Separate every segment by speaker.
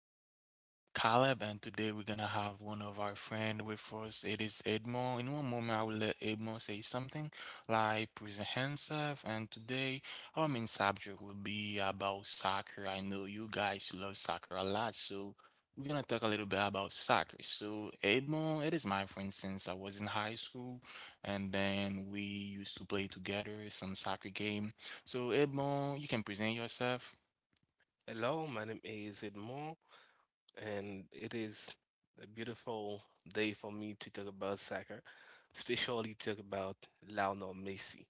Speaker 1: This is Caleb, and today we're gonna have one of our friend with us. It is Edmo. In one moment, I will let Edmo say something, like present himself. And today, our main subject will be about soccer. I know you guys love soccer a lot, so we're gonna talk a little bit about soccer. So, Edmo, it is my friend since I was in high school, and then we used to play together some soccer game. So, Edmo, you can present yourself.
Speaker 2: Hello, my name is Edmond, and it is a beautiful day for me to talk about soccer, especially talk about Lionel Messi.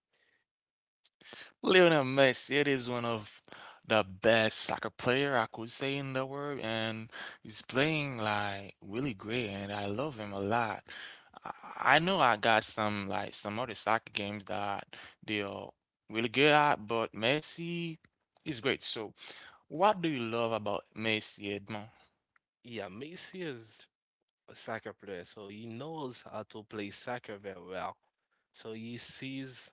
Speaker 1: Lionel Messi, it is one of the best soccer player I could say in the world, and he's playing like really great, and I love him a lot. I know I got some like some other soccer games that they are really good at, but Messi is great. So, what do you love about Messi, Edmond?
Speaker 2: Yeah, Messi is a soccer player, so he knows how to play soccer very well. So he sees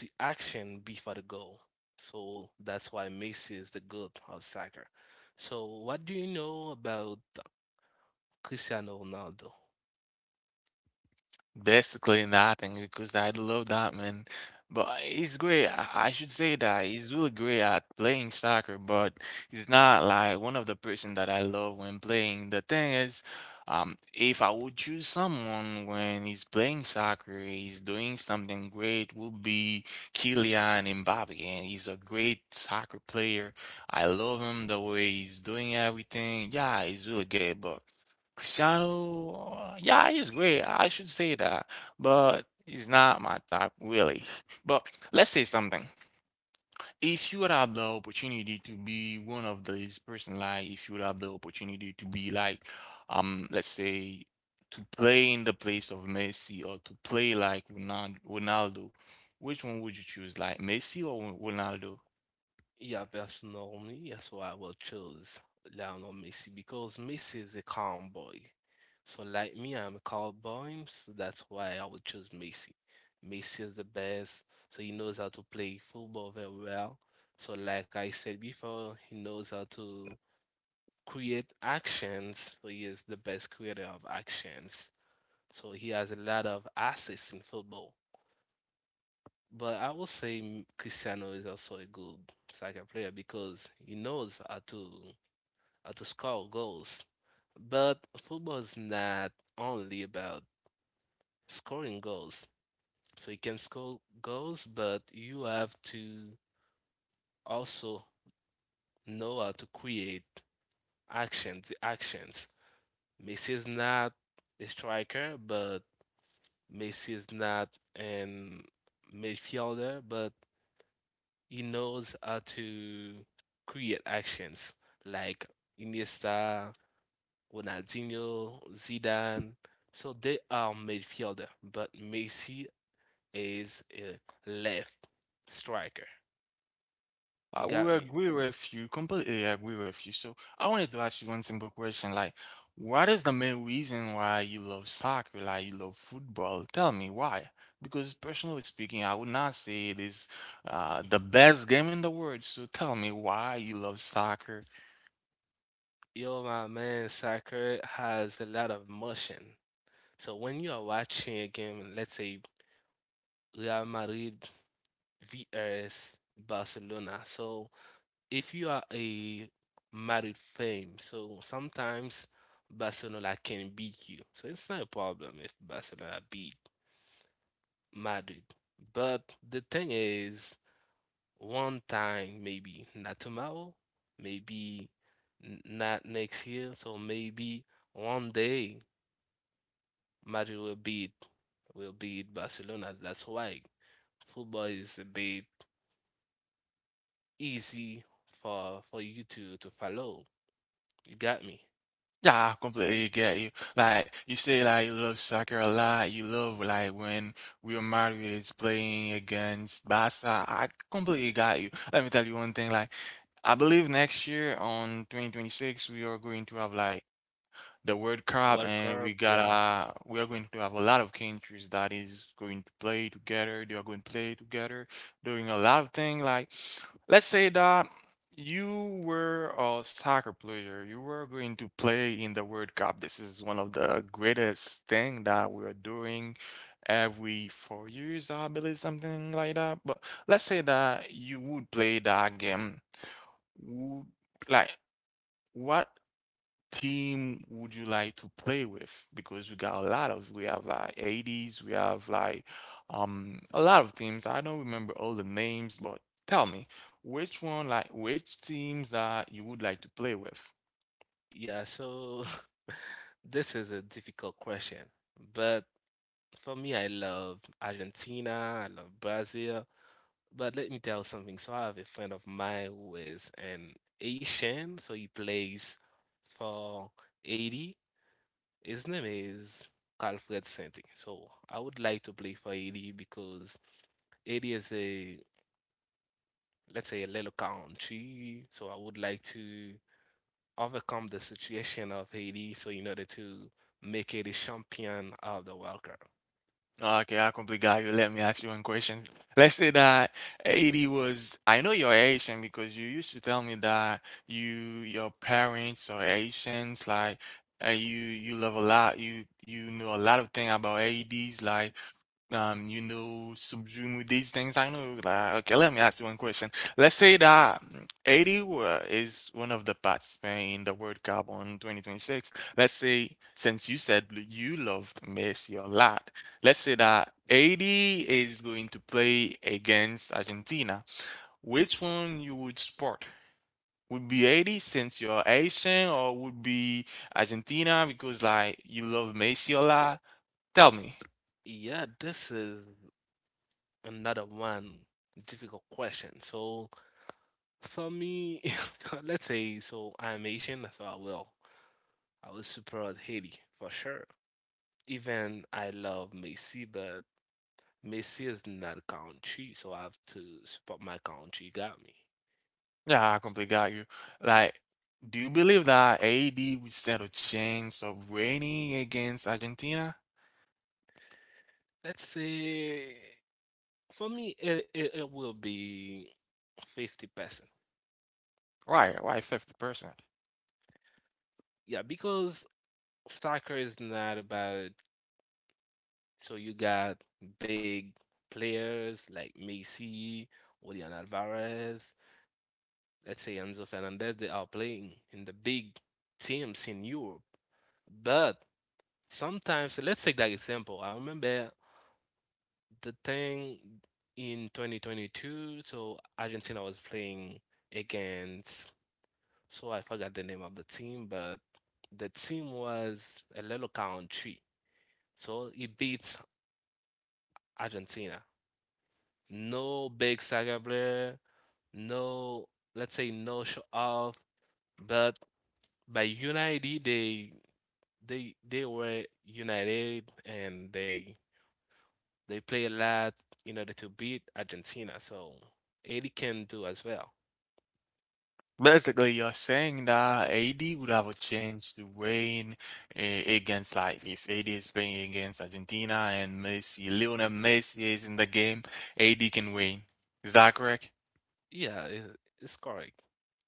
Speaker 2: the action before the goal. So that's why Messi is the god of soccer. So what do you know about Cristiano Ronaldo?
Speaker 1: Basically nothing because I love that man. But he's great. I should say that he's really great at playing soccer, but he's not like one of the person that I love when playing. The thing is, if I would choose someone when he's playing soccer, he's doing something great, would be Kylian Mbappe, and he's a great soccer player. I love him the way he's doing everything. Yeah, he's really good, but Cristiano, yeah, he's great. I should say that, but he's not my type, really. But let's say something. If you would have the opportunity to be one of these person, like if you would have the opportunity to be like, let's say to play in the place of Messi or to play like Ronaldo, which one would you choose, like Messi or Ronaldo?
Speaker 2: Yeah, personally, that's why I will choose Lionel Messi because Messi is a calm boy. So, like me, I'm a cowboy, so that's why I would choose Messi. Messi is the best, so he knows how to play football very well. So, like I said before, he knows how to create actions, so he is the best creator of actions. So, he has a lot of assists in football. But I would say Cristiano is also a good soccer player because he knows how to score goals. But football is not only about scoring goals. So you can score goals, but you have to also know how to create actions, the actions. Messi is not a striker, but Messi is not an midfielder, but he knows how to create actions like Iniesta, Ronaldinho, Zidane. So they are midfielder, but Messi is a left striker.
Speaker 1: I
Speaker 2: You
Speaker 1: will
Speaker 2: got me.
Speaker 1: agree with you, completely agree with you. So I wanted to ask you one simple question, like, what is the main reason why you love soccer, like you love football? Tell me why. Because personally speaking, I would not say it is the best game in the world. So tell me why you love soccer.
Speaker 2: Yo, my man, soccer has a lot of motion. So when you are watching a game, let's say Real Madrid vs Barcelona, so if you are a married fame, so sometimes Barcelona can beat you. So it's not a problem if Barcelona beat Madrid. But the thing is, one time, maybe not tomorrow, maybe not next year. So maybe one day Madrid will beat Barcelona. That's why football is a bit easy for you to follow. You got me.
Speaker 1: Yeah, I completely get you. Like you say, like you love soccer a lot. You love like when Real Madrid is playing against Barca. I completely got you. Let me tell you one thing. Like I believe next year on 2026 we are going to have like the World Cup,
Speaker 2: World
Speaker 1: and
Speaker 2: Cup,
Speaker 1: we got
Speaker 2: yeah,
Speaker 1: we are going to have a lot of countries that is going to play together. They are going to play together, doing a lot of things. Like, let's say that you were a soccer player, you were going to play in the World Cup. This is one of the greatest thing that we are doing every 4 years, I believe, something like that. But let's say that you would play that game. Would like what team would you like to play with? Because we got a lot of, we have like 80s, we have like a lot of teams. I don't remember all the names, but tell me which one, like which teams that you would like to play with?
Speaker 2: yeah. So this is a difficult question, but for me, I love Argentina, I love Brazil. But let me tell something. So I have a friend of mine who is an Asian, so he plays for 80. His name is Calfred Santi. So I would like to play for 80 because Haiti is a, let's say, a little country, so I would like to overcome the situation of Haiti so in order to make it a champion of the World Cup.
Speaker 1: Okay, I completely got you. Let me ask you one question. Let's say that 80 was, I know you're Asian because you used to tell me that you, your parents are Asians, like, and you love a lot, you know a lot of thing about 80s, like, subsume these things. I know that. Okay, let me ask you one question. Let's say that 80 is one of the participants in the World Cup on 2026. Let's say, since you said you loved Messi a lot, let's say that 80 is going to play against Argentina. Which one you would support? Would be 80 since you're Asian, or would be Argentina because like you love Messi a lot? Tell me.
Speaker 2: Yeah, this is another one difficult question. So for me, let's say so I'm Asian, so I will support Haiti for sure. Even I love Messi, but Messi is not a country, so I have to support my country. Got me.
Speaker 1: Yeah, I completely got you. Like, do you believe that AD would stand a chance of winning against Argentina?
Speaker 2: Let's say for me, it will be 50%.
Speaker 1: Right, right, 50%.
Speaker 2: Yeah, because soccer is not about, so you got big players like Messi, Julian Alvarez, let's say Enzo Fernandez, they are playing in the big teams in Europe. But sometimes, let's take that example. I remember the thing in 2022, so Argentina was playing against. So I forgot the name of the team, but the team was a little country. So it beats Argentina. No big soccer player, no, let's say no show off, but by unity they were united and they play a lot in order to beat Argentina. So Eddie can do as well.
Speaker 1: Basically, you're saying that AD would have a chance to win eh, against, like, if AD is playing against Argentina and Messi, Lionel Messi is in the game, AD can win. Is that correct?
Speaker 2: Yeah, it's correct.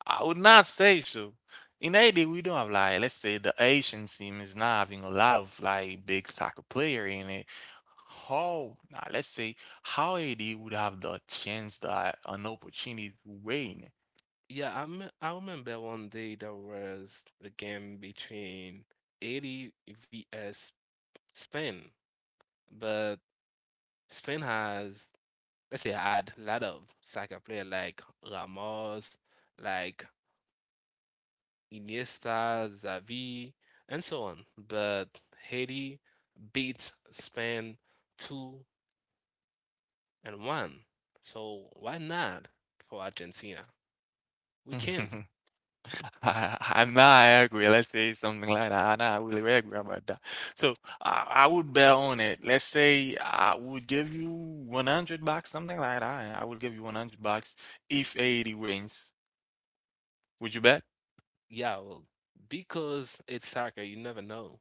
Speaker 1: I would not say so. In Haiti, we don't have like let's say the Asian team is not having a lot of like big soccer player in it. How now let's say how Haiti would have the chance that an opportunity to win.
Speaker 2: Yeah, I I remember one day there was a game between Italy vs Spain, but Spain has, let's say, had a lot of soccer player like Ramos, like Iniesta, Xavi, and so on. But Haiti beat Spain 2-1. So why not for Argentina? We can,
Speaker 1: I'm not agree. Let's say something like that. I'm not really agree about that. So I would bet on it. Let's say I would give you 100 bucks, something like that. I would give you 100 bucks if Haiti wins. Would you bet?
Speaker 2: yeah, well, because it's soccer, you never know.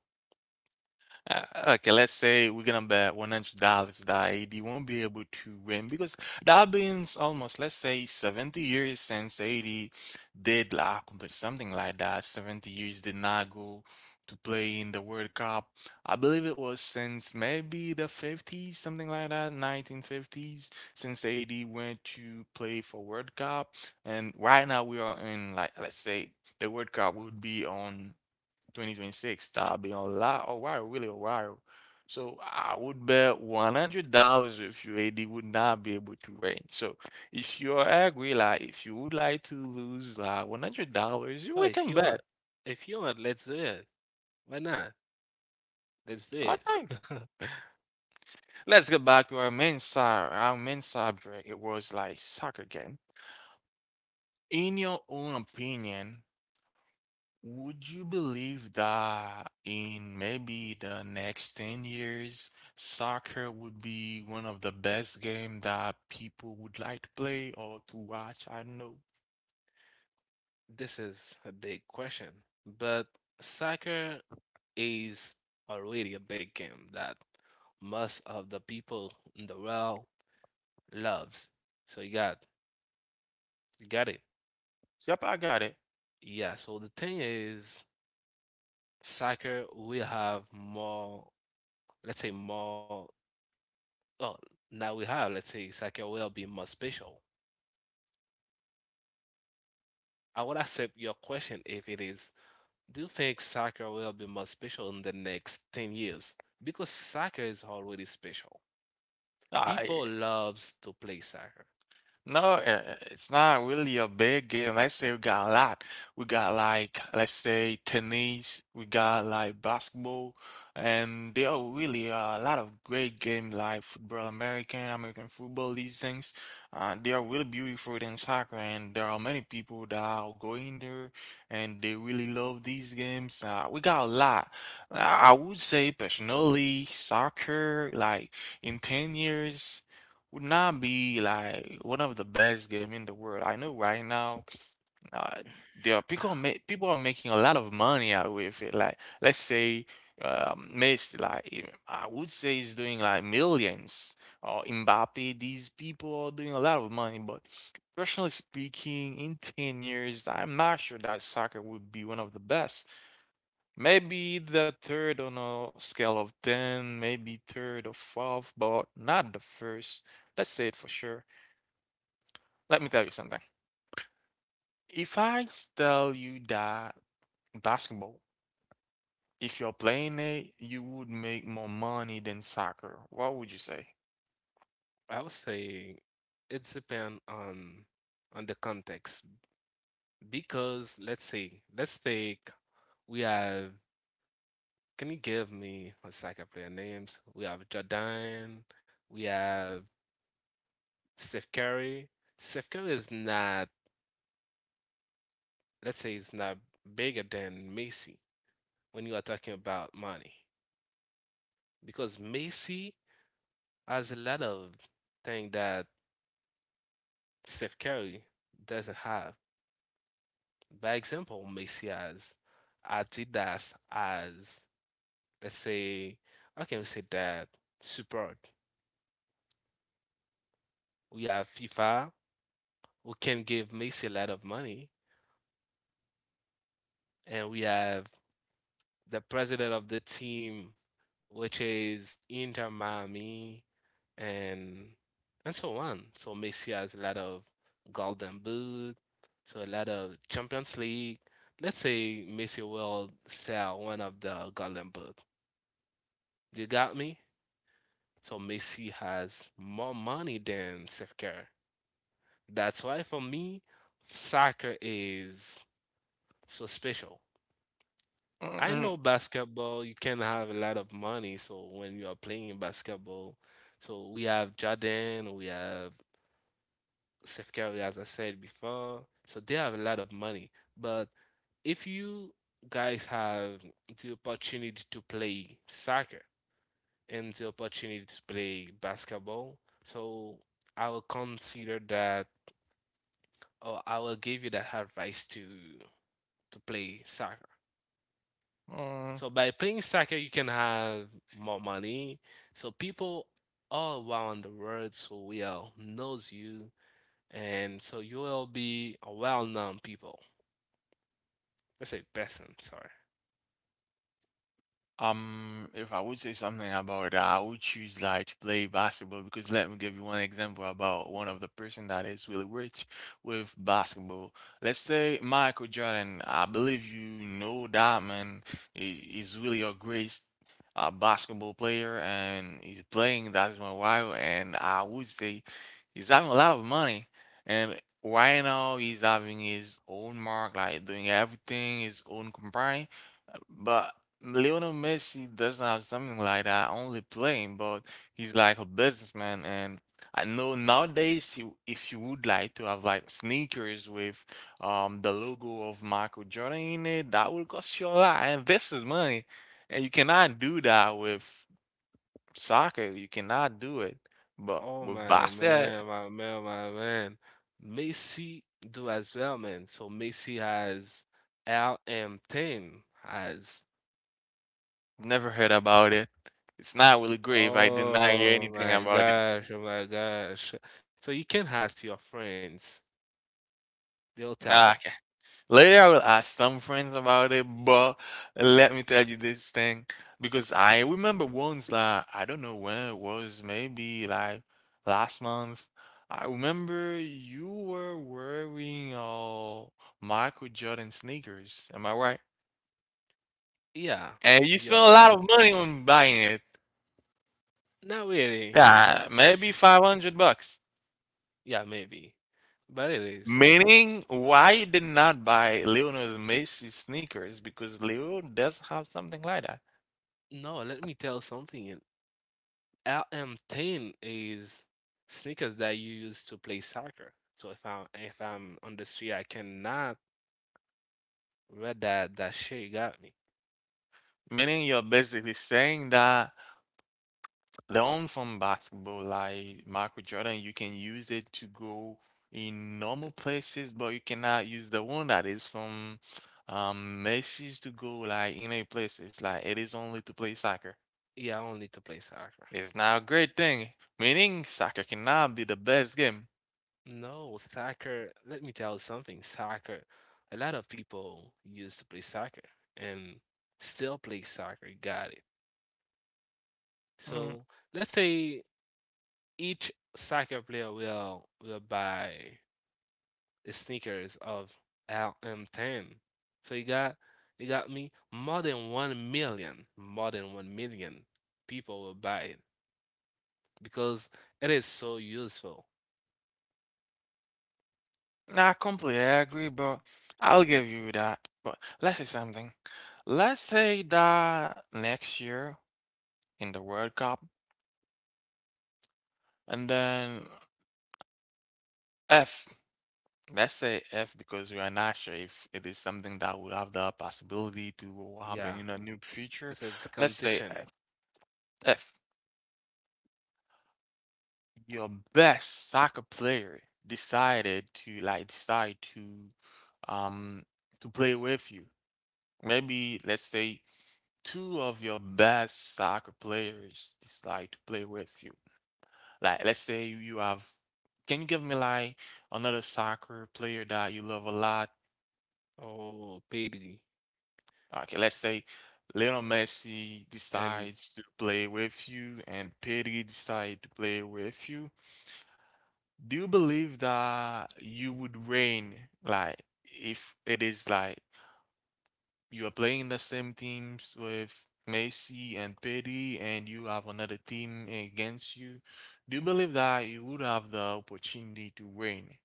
Speaker 1: Uh, okay, let's say we're gonna bet $100 that AD won't be able to win because that means almost let's say 70 years since AD did like accomplish something like that. 70 years did not go to play in the World Cup. I believe it was since maybe the 50s, something like that, 1950s, since AD went to play for World Cup. And right now we are in like let's say the World Cup would be on 2026. That'll be a lot, a while, really a while. So I would bet $100 with you AD would not be able to win. So if you are agree, like if you would like to lose like $100,
Speaker 2: So
Speaker 1: we
Speaker 2: if
Speaker 1: can
Speaker 2: you want,
Speaker 1: bet.
Speaker 2: if you want, let's do it. Why not? Let's do it.
Speaker 1: Okay. Let's get back to our main side, our main subject. It was like soccer game. In your own opinion, would you believe that in maybe the next 10 years, soccer would be one of the best game that people would like to play or to watch? I don't know.
Speaker 2: This is a big question, but soccer is already a big game that most of the people in the world loves. So you got it.
Speaker 1: Yep, I got it.
Speaker 2: Yeah. So the thing is, soccer we have more. Let's say more. Oh, now we have. Let's say soccer will be more special. I would accept your question if it is: Do you think soccer will be more special in the next 10 years? Because soccer is already special. People
Speaker 1: I
Speaker 2: loves to play soccer.
Speaker 1: No, it's not really a big game. Let's say we got a lot. We got like, let's say tennis, we got like basketball, and there are really a lot of great games like football, American, American football, these things. They are really beautiful than soccer, and there are many people that are going there and they really love these games. We got a lot. I would say personally, soccer, like in 10 years would not be like one of the best game in the world. I know right now, uh, there are people ma people are making a lot of money out with it. Like let's say, Messi, like I would say, is doing like millions. Or Mbappe, these people are doing a lot of money. But personally speaking, in 10 years, I'm not sure that soccer would be one of the best. Maybe the third on a scale of ten, maybe third or fourth, but not the first. That's it for sure. Let me tell you something. If I tell you that basketball, if you're playing it, you would make more money than soccer, what would you say?
Speaker 2: I would say it depends on the context. Because let's say, let's take we have, can you give me a soccer player names? We have Jordan, we have Steph Curry. Steph Curry is not, let's say he's not bigger than Messi when you are talking about money. Because Macy has a lot of thing that Steph Curry doesn't have. By example, Macy has Adidas as, let's say, how can we say that, support. We have FIFA who can give Macy a lot of money, and we have the president of the team which is Inter Miami, and and so on. So Messi has a lot of Golden Boot, so a lot of Champions League. Let's say Messi will sell one of the Golden Boot. You got me? So Messi has more money than Steph Curry. That's why for me, soccer is so special. I
Speaker 1: Mm-mm.
Speaker 2: know basketball, you can have a lot of money. So when you are playing basketball, so we have Jordan, we have Steph Curry, as I said before. So they have a lot of money. But if you guys have the opportunity to play soccer and the opportunity to play basketball, so I will consider that, or I will give you that advice to play soccer.
Speaker 1: Mm.
Speaker 2: So by playing soccer, you can have more money. So people all around the world so will knows you, and so you will be a well-known people. Let's say person, sorry.
Speaker 1: If I would say something about that, I would choose like to play basketball because let me give you one example about one of the person that is really rich with basketball. Let's say Michael Jordan. I believe you know that man is really a great basketball player and he's playing that's my while and I would say he's having a lot of money and right now he's having his own mark like doing everything his own company, but Lionel Messi doesn't have something like that. I only playing, but he's like a businessman, and I know nowadays if you would like to have like sneakers with the logo of Michael Jordan in it, that will cost you a lot, and this is money, and you cannot do that with soccer. You cannot do it, but
Speaker 2: Oh
Speaker 1: with
Speaker 2: my
Speaker 1: basket,
Speaker 2: man, my man, my man. Messi do as well, man. So Messi has LM10 has.
Speaker 1: never heard about it. It's not really great. If I did not hear
Speaker 2: Oh
Speaker 1: anything
Speaker 2: my
Speaker 1: about it.
Speaker 2: gosh, oh my gosh. So you can ask your friends. They'll tell you.
Speaker 1: Nah, later, I will ask some friends about it, but let me tell you this thing because I remember once, like, I don't know when it was, maybe like last month. I remember you were wearing Michael Jordan sneakers. Am I right?
Speaker 2: Yeah,
Speaker 1: And you
Speaker 2: you're
Speaker 1: spent a
Speaker 2: right.
Speaker 1: lot of money on buying it.
Speaker 2: Not really.
Speaker 1: Yeah, maybe 500 bucks.
Speaker 2: Yeah, maybe. But it is.
Speaker 1: Meaning, why you did not buy Lionel Messi sneakers? Because Leo does have something like that.
Speaker 2: No, let me tell something. LM10 is sneakers that you use to play soccer. So if I'm on the street, I cannot wear that shit, you got me.
Speaker 1: Meaning you're basically saying that learn from basketball, like Michael Jordan, you can use it to go in normal places, but you cannot use the one that is from Messi's to go like in a place. It's like it is only to play soccer.
Speaker 2: Yeah, only to play soccer.
Speaker 1: It's not a great thing. Meaning soccer cannot be the best game.
Speaker 2: No, soccer. Let me tell you something. Soccer. A lot of people used to play soccer and still play soccer. Got it.
Speaker 1: Mm,
Speaker 2: So let's say each soccer player will buy the sneakers of LM10. So you got me, more than 1 million, more than 1 million people will buy it because it is so useful.
Speaker 1: not completely agree, but I'll give you that. But let's say something. Let's say that next year in the World Cup. And then F. Let's say F because we are not sure if it is something that would have the possibility to
Speaker 2: Yeah,
Speaker 1: happen in a new future.
Speaker 2: this is
Speaker 1: Let's say
Speaker 2: condition.
Speaker 1: F. F. Your best soccer player decided to like decide um to play with you. Maybe let's say two of your best soccer players decide to play with you. Like let's say you have. Can you give me like another soccer player that you love a lot?
Speaker 2: Oh, pity.
Speaker 1: Okay, let's say Lionel Messi
Speaker 2: And
Speaker 1: decides to play with you and Pedri decide to play with you. Do you believe that you would reign, like, if it is like you are playing the same teams with Messi and Pedri and you have another team against you? Do you believe that you would have the opportunity to reign?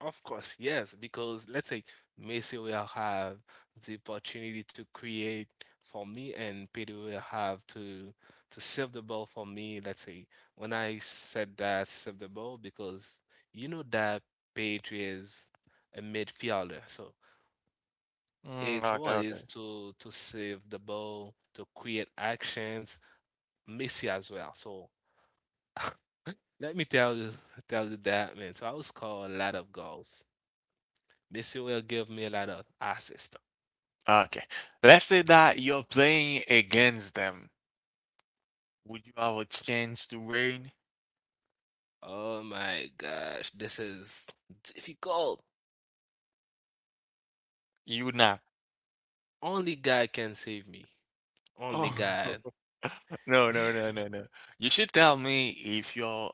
Speaker 2: of course, yes, because let's say Messi will have the opportunity to create for me, and Pedro will have to save the ball for me. Let's say when I said that, save the ball, because you know that Pedro is a midfielder, so
Speaker 1: Mm,
Speaker 2: his role
Speaker 1: okay,
Speaker 2: is
Speaker 1: okay.
Speaker 2: to save the ball, to create actions. Messi as well. So let me tell you that, man. So I will score a lot of goals. Missy will give me a lot of assist.
Speaker 1: Okay, let's say that you're playing against them. Would you have a chance to reign?
Speaker 2: Oh my gosh, this is difficult.
Speaker 1: You would not.
Speaker 2: Only God can save me. Only
Speaker 1: Oh.
Speaker 2: God.
Speaker 1: No, no, no, no, no. You should tell me if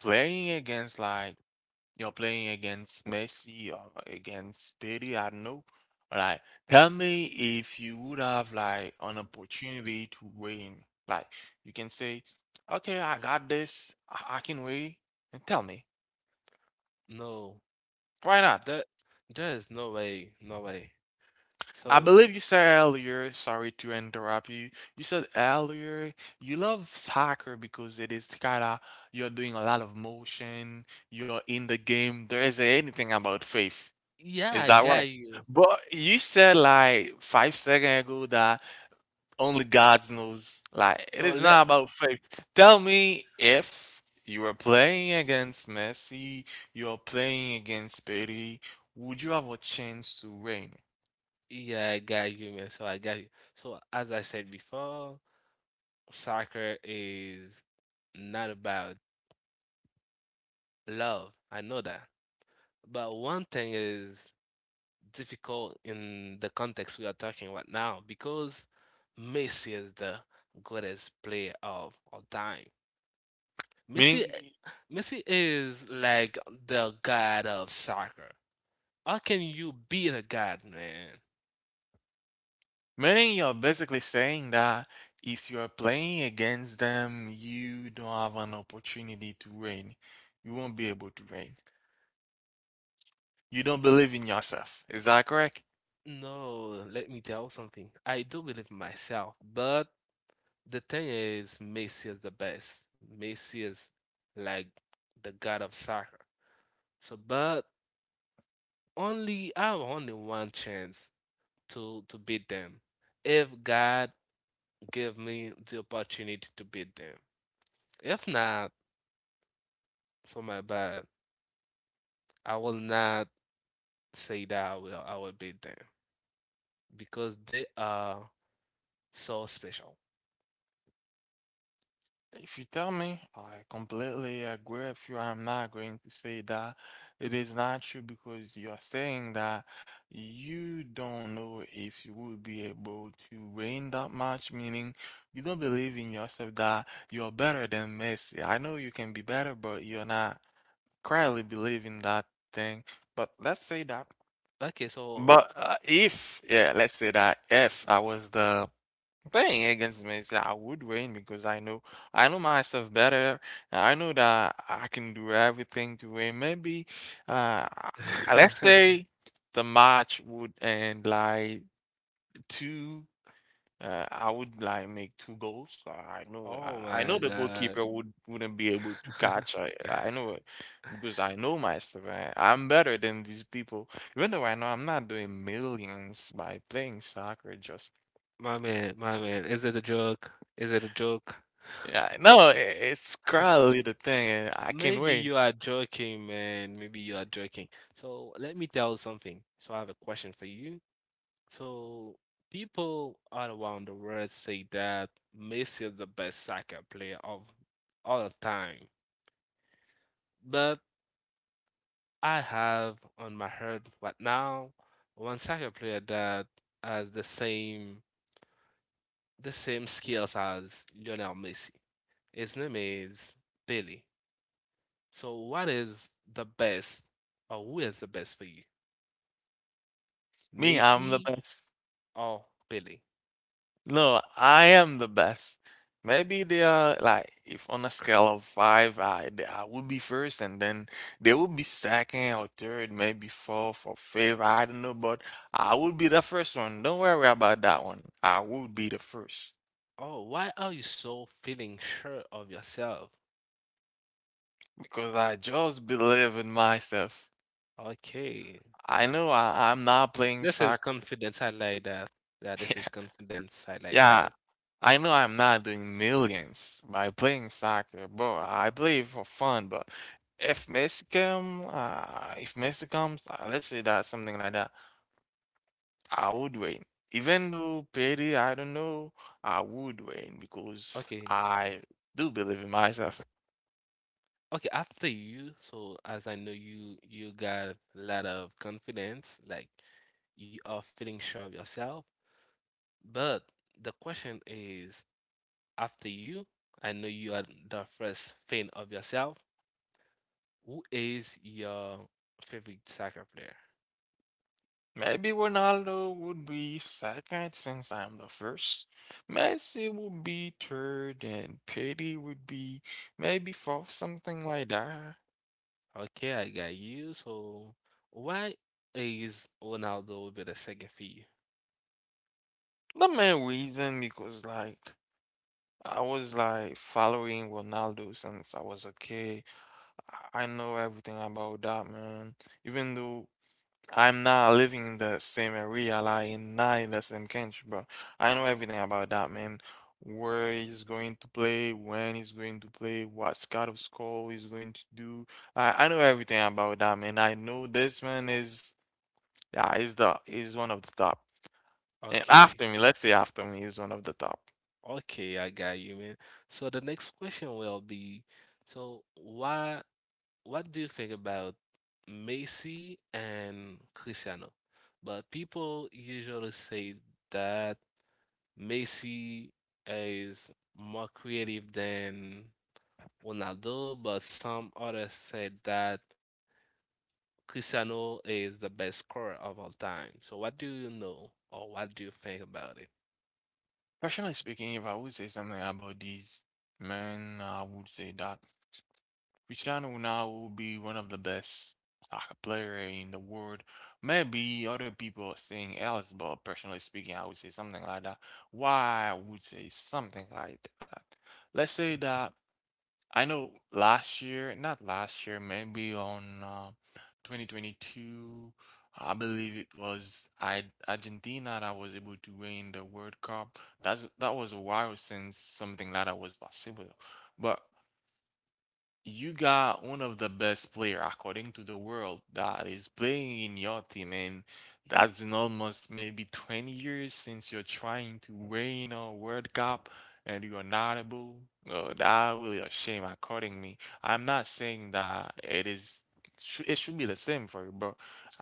Speaker 1: playing against like you're playing against Messi or against Petty, I don't know. Like, tell me if you would have like an opportunity to win. Like, you can say, "Okay, I got this. I can win." And tell me,
Speaker 2: No,
Speaker 1: why not?
Speaker 2: there, there is no way, no way.
Speaker 1: I
Speaker 2: So
Speaker 1: believe you said earlier, sorry to interrupt you. You said earlier you love soccer because it is kinda you're doing a lot of motion, you're in the game. There isn't anything about faith.
Speaker 2: yeah,
Speaker 1: Is
Speaker 2: I
Speaker 1: that right?
Speaker 2: got you.
Speaker 1: But you said like 5 seconds ago that only God knows. Like it
Speaker 2: So
Speaker 1: is not
Speaker 2: let
Speaker 1: about faith. Tell me if you were playing against Messi, you're playing against Pedri, would you have a chance to win?
Speaker 2: yeah, I got you, man. So I got you. So as I said before, soccer is not about love. I know that. But one thing is difficult in the context we are talking about now because Messi is the greatest player of all time. Messi,
Speaker 1: Meaning
Speaker 2: Messi is like the god of soccer. How can you be the god, man?
Speaker 1: Meaning you're basically saying that if you're playing against them, you don't have an opportunity to win. You won't be able to win. You don't believe in yourself. Is that correct?
Speaker 2: No, let me tell you something. I do believe in myself, but the thing is, Messi is the best. Messi is like the god of soccer. So, but only I have only one chance to beat them if God give me the opportunity to beat them. If not, so my bad. I will not say that I will beat them because they are so special.
Speaker 1: If you tell me, I completely agree with you. I'm not going to say that it is not true because you're saying that you don't know if you will be able to win that match, meaning you don't believe in yourself that you're better than Messi. I know you can be better, but you're not currently believe in that thing, but let's say that,
Speaker 2: Okay, so
Speaker 1: but if, yeah, let's say that if I was the playing against me, so I would win because I know myself better. I know that I can do everything to win. Maybe, uh, let's say the match would end like two. I would like make two goals. I know,
Speaker 2: oh
Speaker 1: I, I know
Speaker 2: my
Speaker 1: the
Speaker 2: God.
Speaker 1: goalkeeper wouldn't be able to catch. I know it because I know myself. I'm better than these people. Even though I know I'm not doing millions by playing soccer. Just
Speaker 2: My man, is it a joke? Is it a joke?
Speaker 1: yeah, no, it's currently the thing. And I can
Speaker 2: Maybe
Speaker 1: wait.
Speaker 2: you are joking, man. Maybe you are joking. So let me tell you something. So I have a question for you. So people all around the world say that Messi is the best soccer player of all time. But I have on my head right now one soccer player that has the same skills as Lionel Messi. His name is Billy. So what is the best or who is the best for you?
Speaker 1: Me, I'm the
Speaker 2: Messi
Speaker 1: best.
Speaker 2: or Billy?
Speaker 1: No, I am the best. Maybe they are like if on a scale of five, I would be first, and then they would be second or third, maybe fourth or fifth. I don't know, but I would be the first one. Don't worry about that one. I would be the first
Speaker 2: Oh, why are you so feeling sure of yourself?
Speaker 1: because I just believe in myself.
Speaker 2: Okay.
Speaker 1: I know I'm not playing
Speaker 2: This is
Speaker 1: soccer.
Speaker 2: confidence. I like that. Yeah, this is confidence. I like
Speaker 1: Yeah,
Speaker 2: that.
Speaker 1: I know I'm not doing millions by playing soccer, bro. I play for fun, but if Messi comes, let's say that something like that, I would win. Even though Petty, I don't know, I would win because
Speaker 2: Okay.
Speaker 1: I do believe in myself.
Speaker 2: Okay, after you, so as I know you got a lot of confidence, like you are feeling sure of yourself. But the question is, after you, I know you are the first fan of yourself. Who is your favorite soccer player?
Speaker 1: Maybe Ronaldo would be second since I'm the first. Messi would be third, and Petty would be maybe fourth, something like that.
Speaker 2: Okay, I got you. So why is Ronaldo be the second for you?
Speaker 1: The main reason because like I was like following Ronaldo since I was a kid. I know everything about that man. Even though I'm not living in the same area, like in not in the same country, but I know everything about that man. Where he's going to play, when he's going to play, what kind of score he's going to do. I know everything about that man. I know this man is yeah, he's one of the top. And
Speaker 2: Okay.
Speaker 1: after me, let's say after me, he's one of the top.
Speaker 2: Okay, I got you, man. So the next question will be, so why, what do you think about Messi and Cristiano? But people usually say that Messi is more creative than Ronaldo, but some others said that Cristiano is the best scorer of all time. So what do you know, or what do you think about it?
Speaker 1: Personally speaking, if I would say something about these men, I would say that Cristiano Ronaldo will be one of the best soccer player in the world. Maybe other people are saying else, but personally speaking, I would say something like that. Why I would say something like that? Let's say that I know last year, not last year, maybe on 2022, I believe it was I Argentina that was able to win the World Cup. That was a while since something like that was possible. But you got one of the best player according to the world that is playing in your team, and that's in almost maybe 20 years since you're trying to win a World Cup and you're not able. That really a shame according me. I'm not saying that it is it should be the same for you, but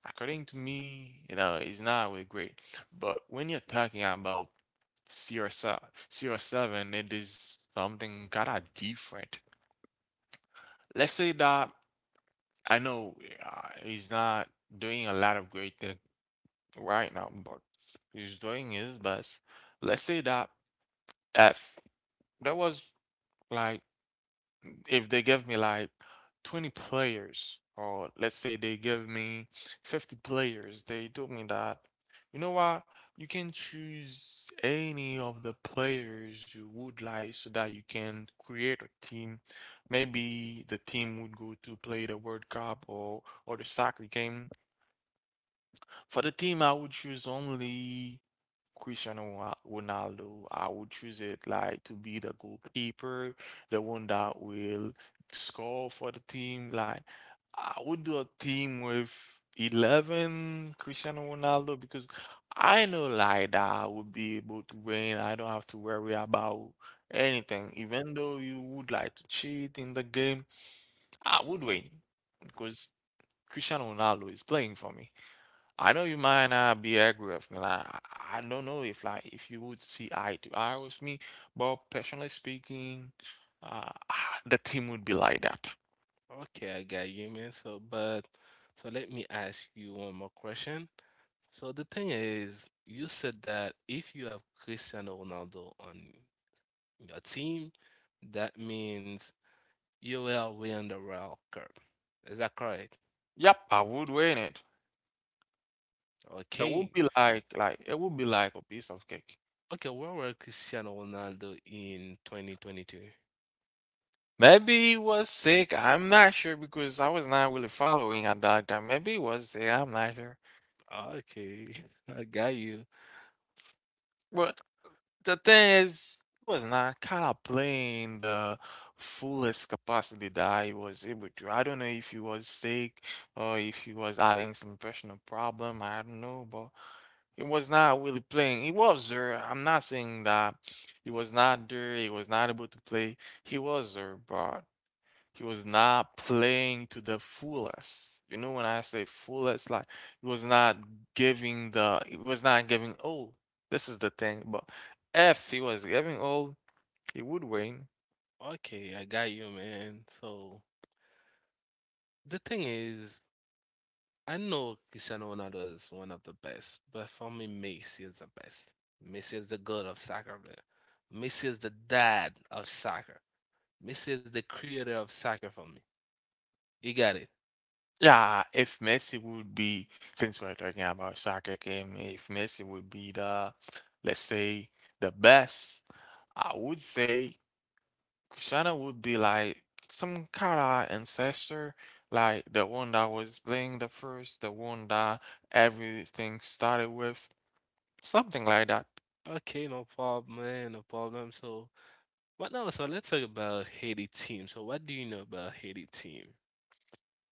Speaker 1: according to me, you know, it's not really great. But when you're talking about CR7, CR7, it is something kind of different. Let's say that I know he's not doing a lot of great things right now, but he's doing his best. Let's say that if there was like if they give me like 20 players, or let's say they give me 50 players, they told me that, you know what, you can choose any of the players you would like so that you can create a team. Maybe the team would go to play the World Cup or the soccer game. For the team, I would choose only Cristiano Ronaldo. I would choose it like to be the goalkeeper, the one that will score for the team. Like I would do a team with 11 Cristiano Ronaldo because I know like that I would be able to win. I don't have to worry about anything. Even though you would like to cheat in the game, I would win because Cristiano Ronaldo is playing for me. I know you might not be agree with me. Like, I don't know if like if you would see eye to eye with me, but personally speaking, the team would be like that.
Speaker 2: Okay, I got you, man. So, but so let me ask you one more question. So the thing is, you said that if you have Cristiano Ronaldo on your team, that means you will win the World Cup. Is that correct?
Speaker 1: Yep, I would win it. It
Speaker 2: Okay.
Speaker 1: would be like a piece of cake.
Speaker 2: Okay, where were Cristiano Ronaldo in 2022?
Speaker 1: Maybe he was sick. I'm not sure because I was not really following at that time. Maybe he was sick. I'm not sure.
Speaker 2: Okay, I got you.
Speaker 1: But the thing is, it was not kind of playing the fullest capacity that he was able to. I don't know if he was sick or if he was having some personal problem. I don't know, but it was not really playing. He was there. I'm not saying that he was not there. He was not able to play. He was there, but he was not playing to the fullest. You know, when I say fullest, like he was not giving all. This is the thing. But if he was giving all, he would win.
Speaker 2: Okay, I got you, man. So the thing is, I know Cristiano Ronaldo is one of the best, but for me, Messi is the best. Messi is the god of soccer, man. Messi is the dad of soccer. Messi is the creator of soccer for me. You got it.
Speaker 1: Yeah, if Messi would be, since we're talking about soccer game, if Messi would be the, let's say, the best, I would say Shanna would be like some kind of ancestor, like the one that was playing the first, the one that everything started with, something like that.
Speaker 2: Okay, no problem, man, no problem. So, what now? So let's talk about Haiti team. So, what do you know about Haiti team?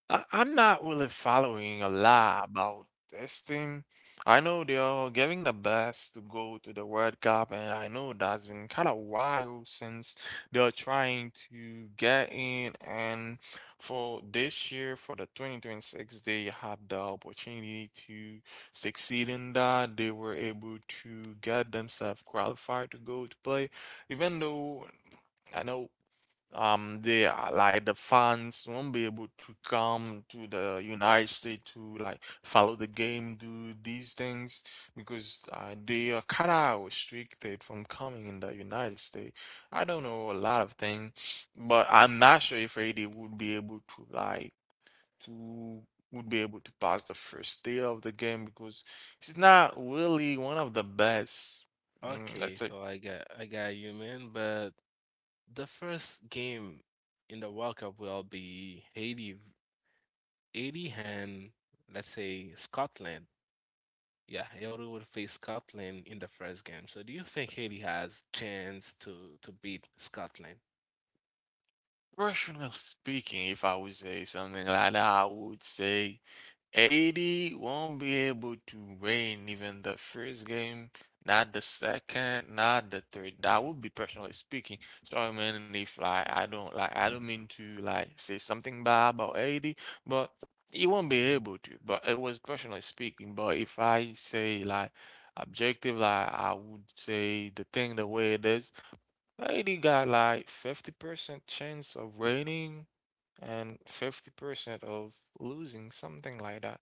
Speaker 1: I'm not really following a lot about this team. I know they're giving the best to go to the World Cup, and I know that's been kind of while since they're trying to get in. And for this year, for the 2026, they had the opportunity to succeed in that. They were able to get themselves qualified to go to play, even though I know they are like the fans won't be able to come to the United States to like follow the game, do these things because they are kind of restricted from coming in the United States. I don't know a lot of things, but I'm not sure if AD would be able to to pass the first day of the game because he's not really one of the best. Mm,
Speaker 2: Okay,
Speaker 1: that's it.
Speaker 2: so I got you, man. But the first game in the World Cup will be Haiti and, let's say, Scotland. Yeah, Hildy would face Scotland in the first game. So do you think Haiti has chance to beat Scotland?
Speaker 1: Personally speaking, if I would say something like that, I would say 80 won't be able to win even the first game, not the second, not the third. That would be personally speaking. So I mean, if like I don't mean to like say something bad about 80, but he won't be able to. But it was personally speaking. But if I say like objective, like I would say the thing the way it is. Haiti got like 50% chance of winning and 50% of losing, something like that.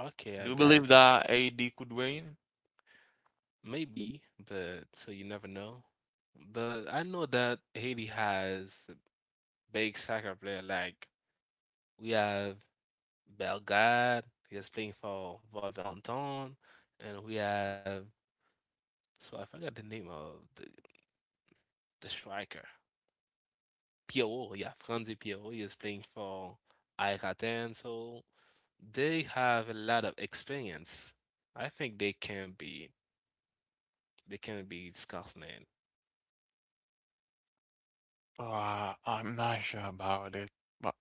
Speaker 2: Okay,
Speaker 1: Do
Speaker 2: I
Speaker 1: you believe
Speaker 2: got
Speaker 1: that AD could win?
Speaker 2: maybe, but so you never know. But I know that Haiti has big soccer player like, we have Belgrade, he is playing for Wolverhampton, and we have, so I forgot the name of the striker. Pierrot, yeah, Franzi Pierrot is playing for Aikaten, so they have a lot of experience. I think they can be Scotland.
Speaker 1: I'm not sure about it, but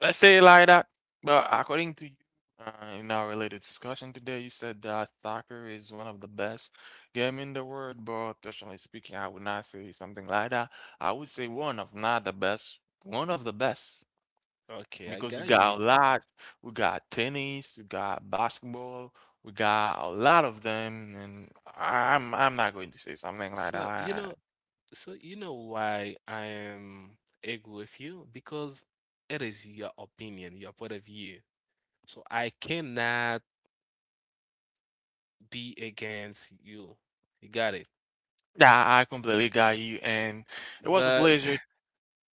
Speaker 1: let's say it like that. But according to you, in our little discussion today, you said that soccer is one of the best game in the world. But personally speaking, I would not say something like that. I would say one of not the best, one of the best
Speaker 2: Okay, I
Speaker 1: because we
Speaker 2: got you.
Speaker 1: got a lot. We got tennis, we got basketball, we got a lot of them, and I'm not going to say something like
Speaker 2: So you know,
Speaker 1: that.
Speaker 2: so you know why I am angry with you because it is your opinion, your point of view. So I cannot be against you. You got it.
Speaker 1: Yeah, I completely got you, and. It was a
Speaker 2: But
Speaker 1: pleasure.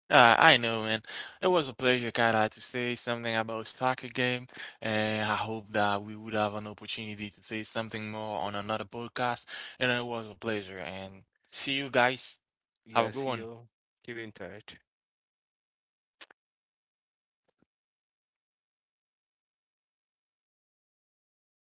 Speaker 1: I know, man. It was a pleasure, kind to say something about soccer game, and I hope that we would have an opportunity to say something more on another podcast. And it was a pleasure, and see you guys. Have a good
Speaker 2: yes,
Speaker 1: one.
Speaker 2: you keep in touch.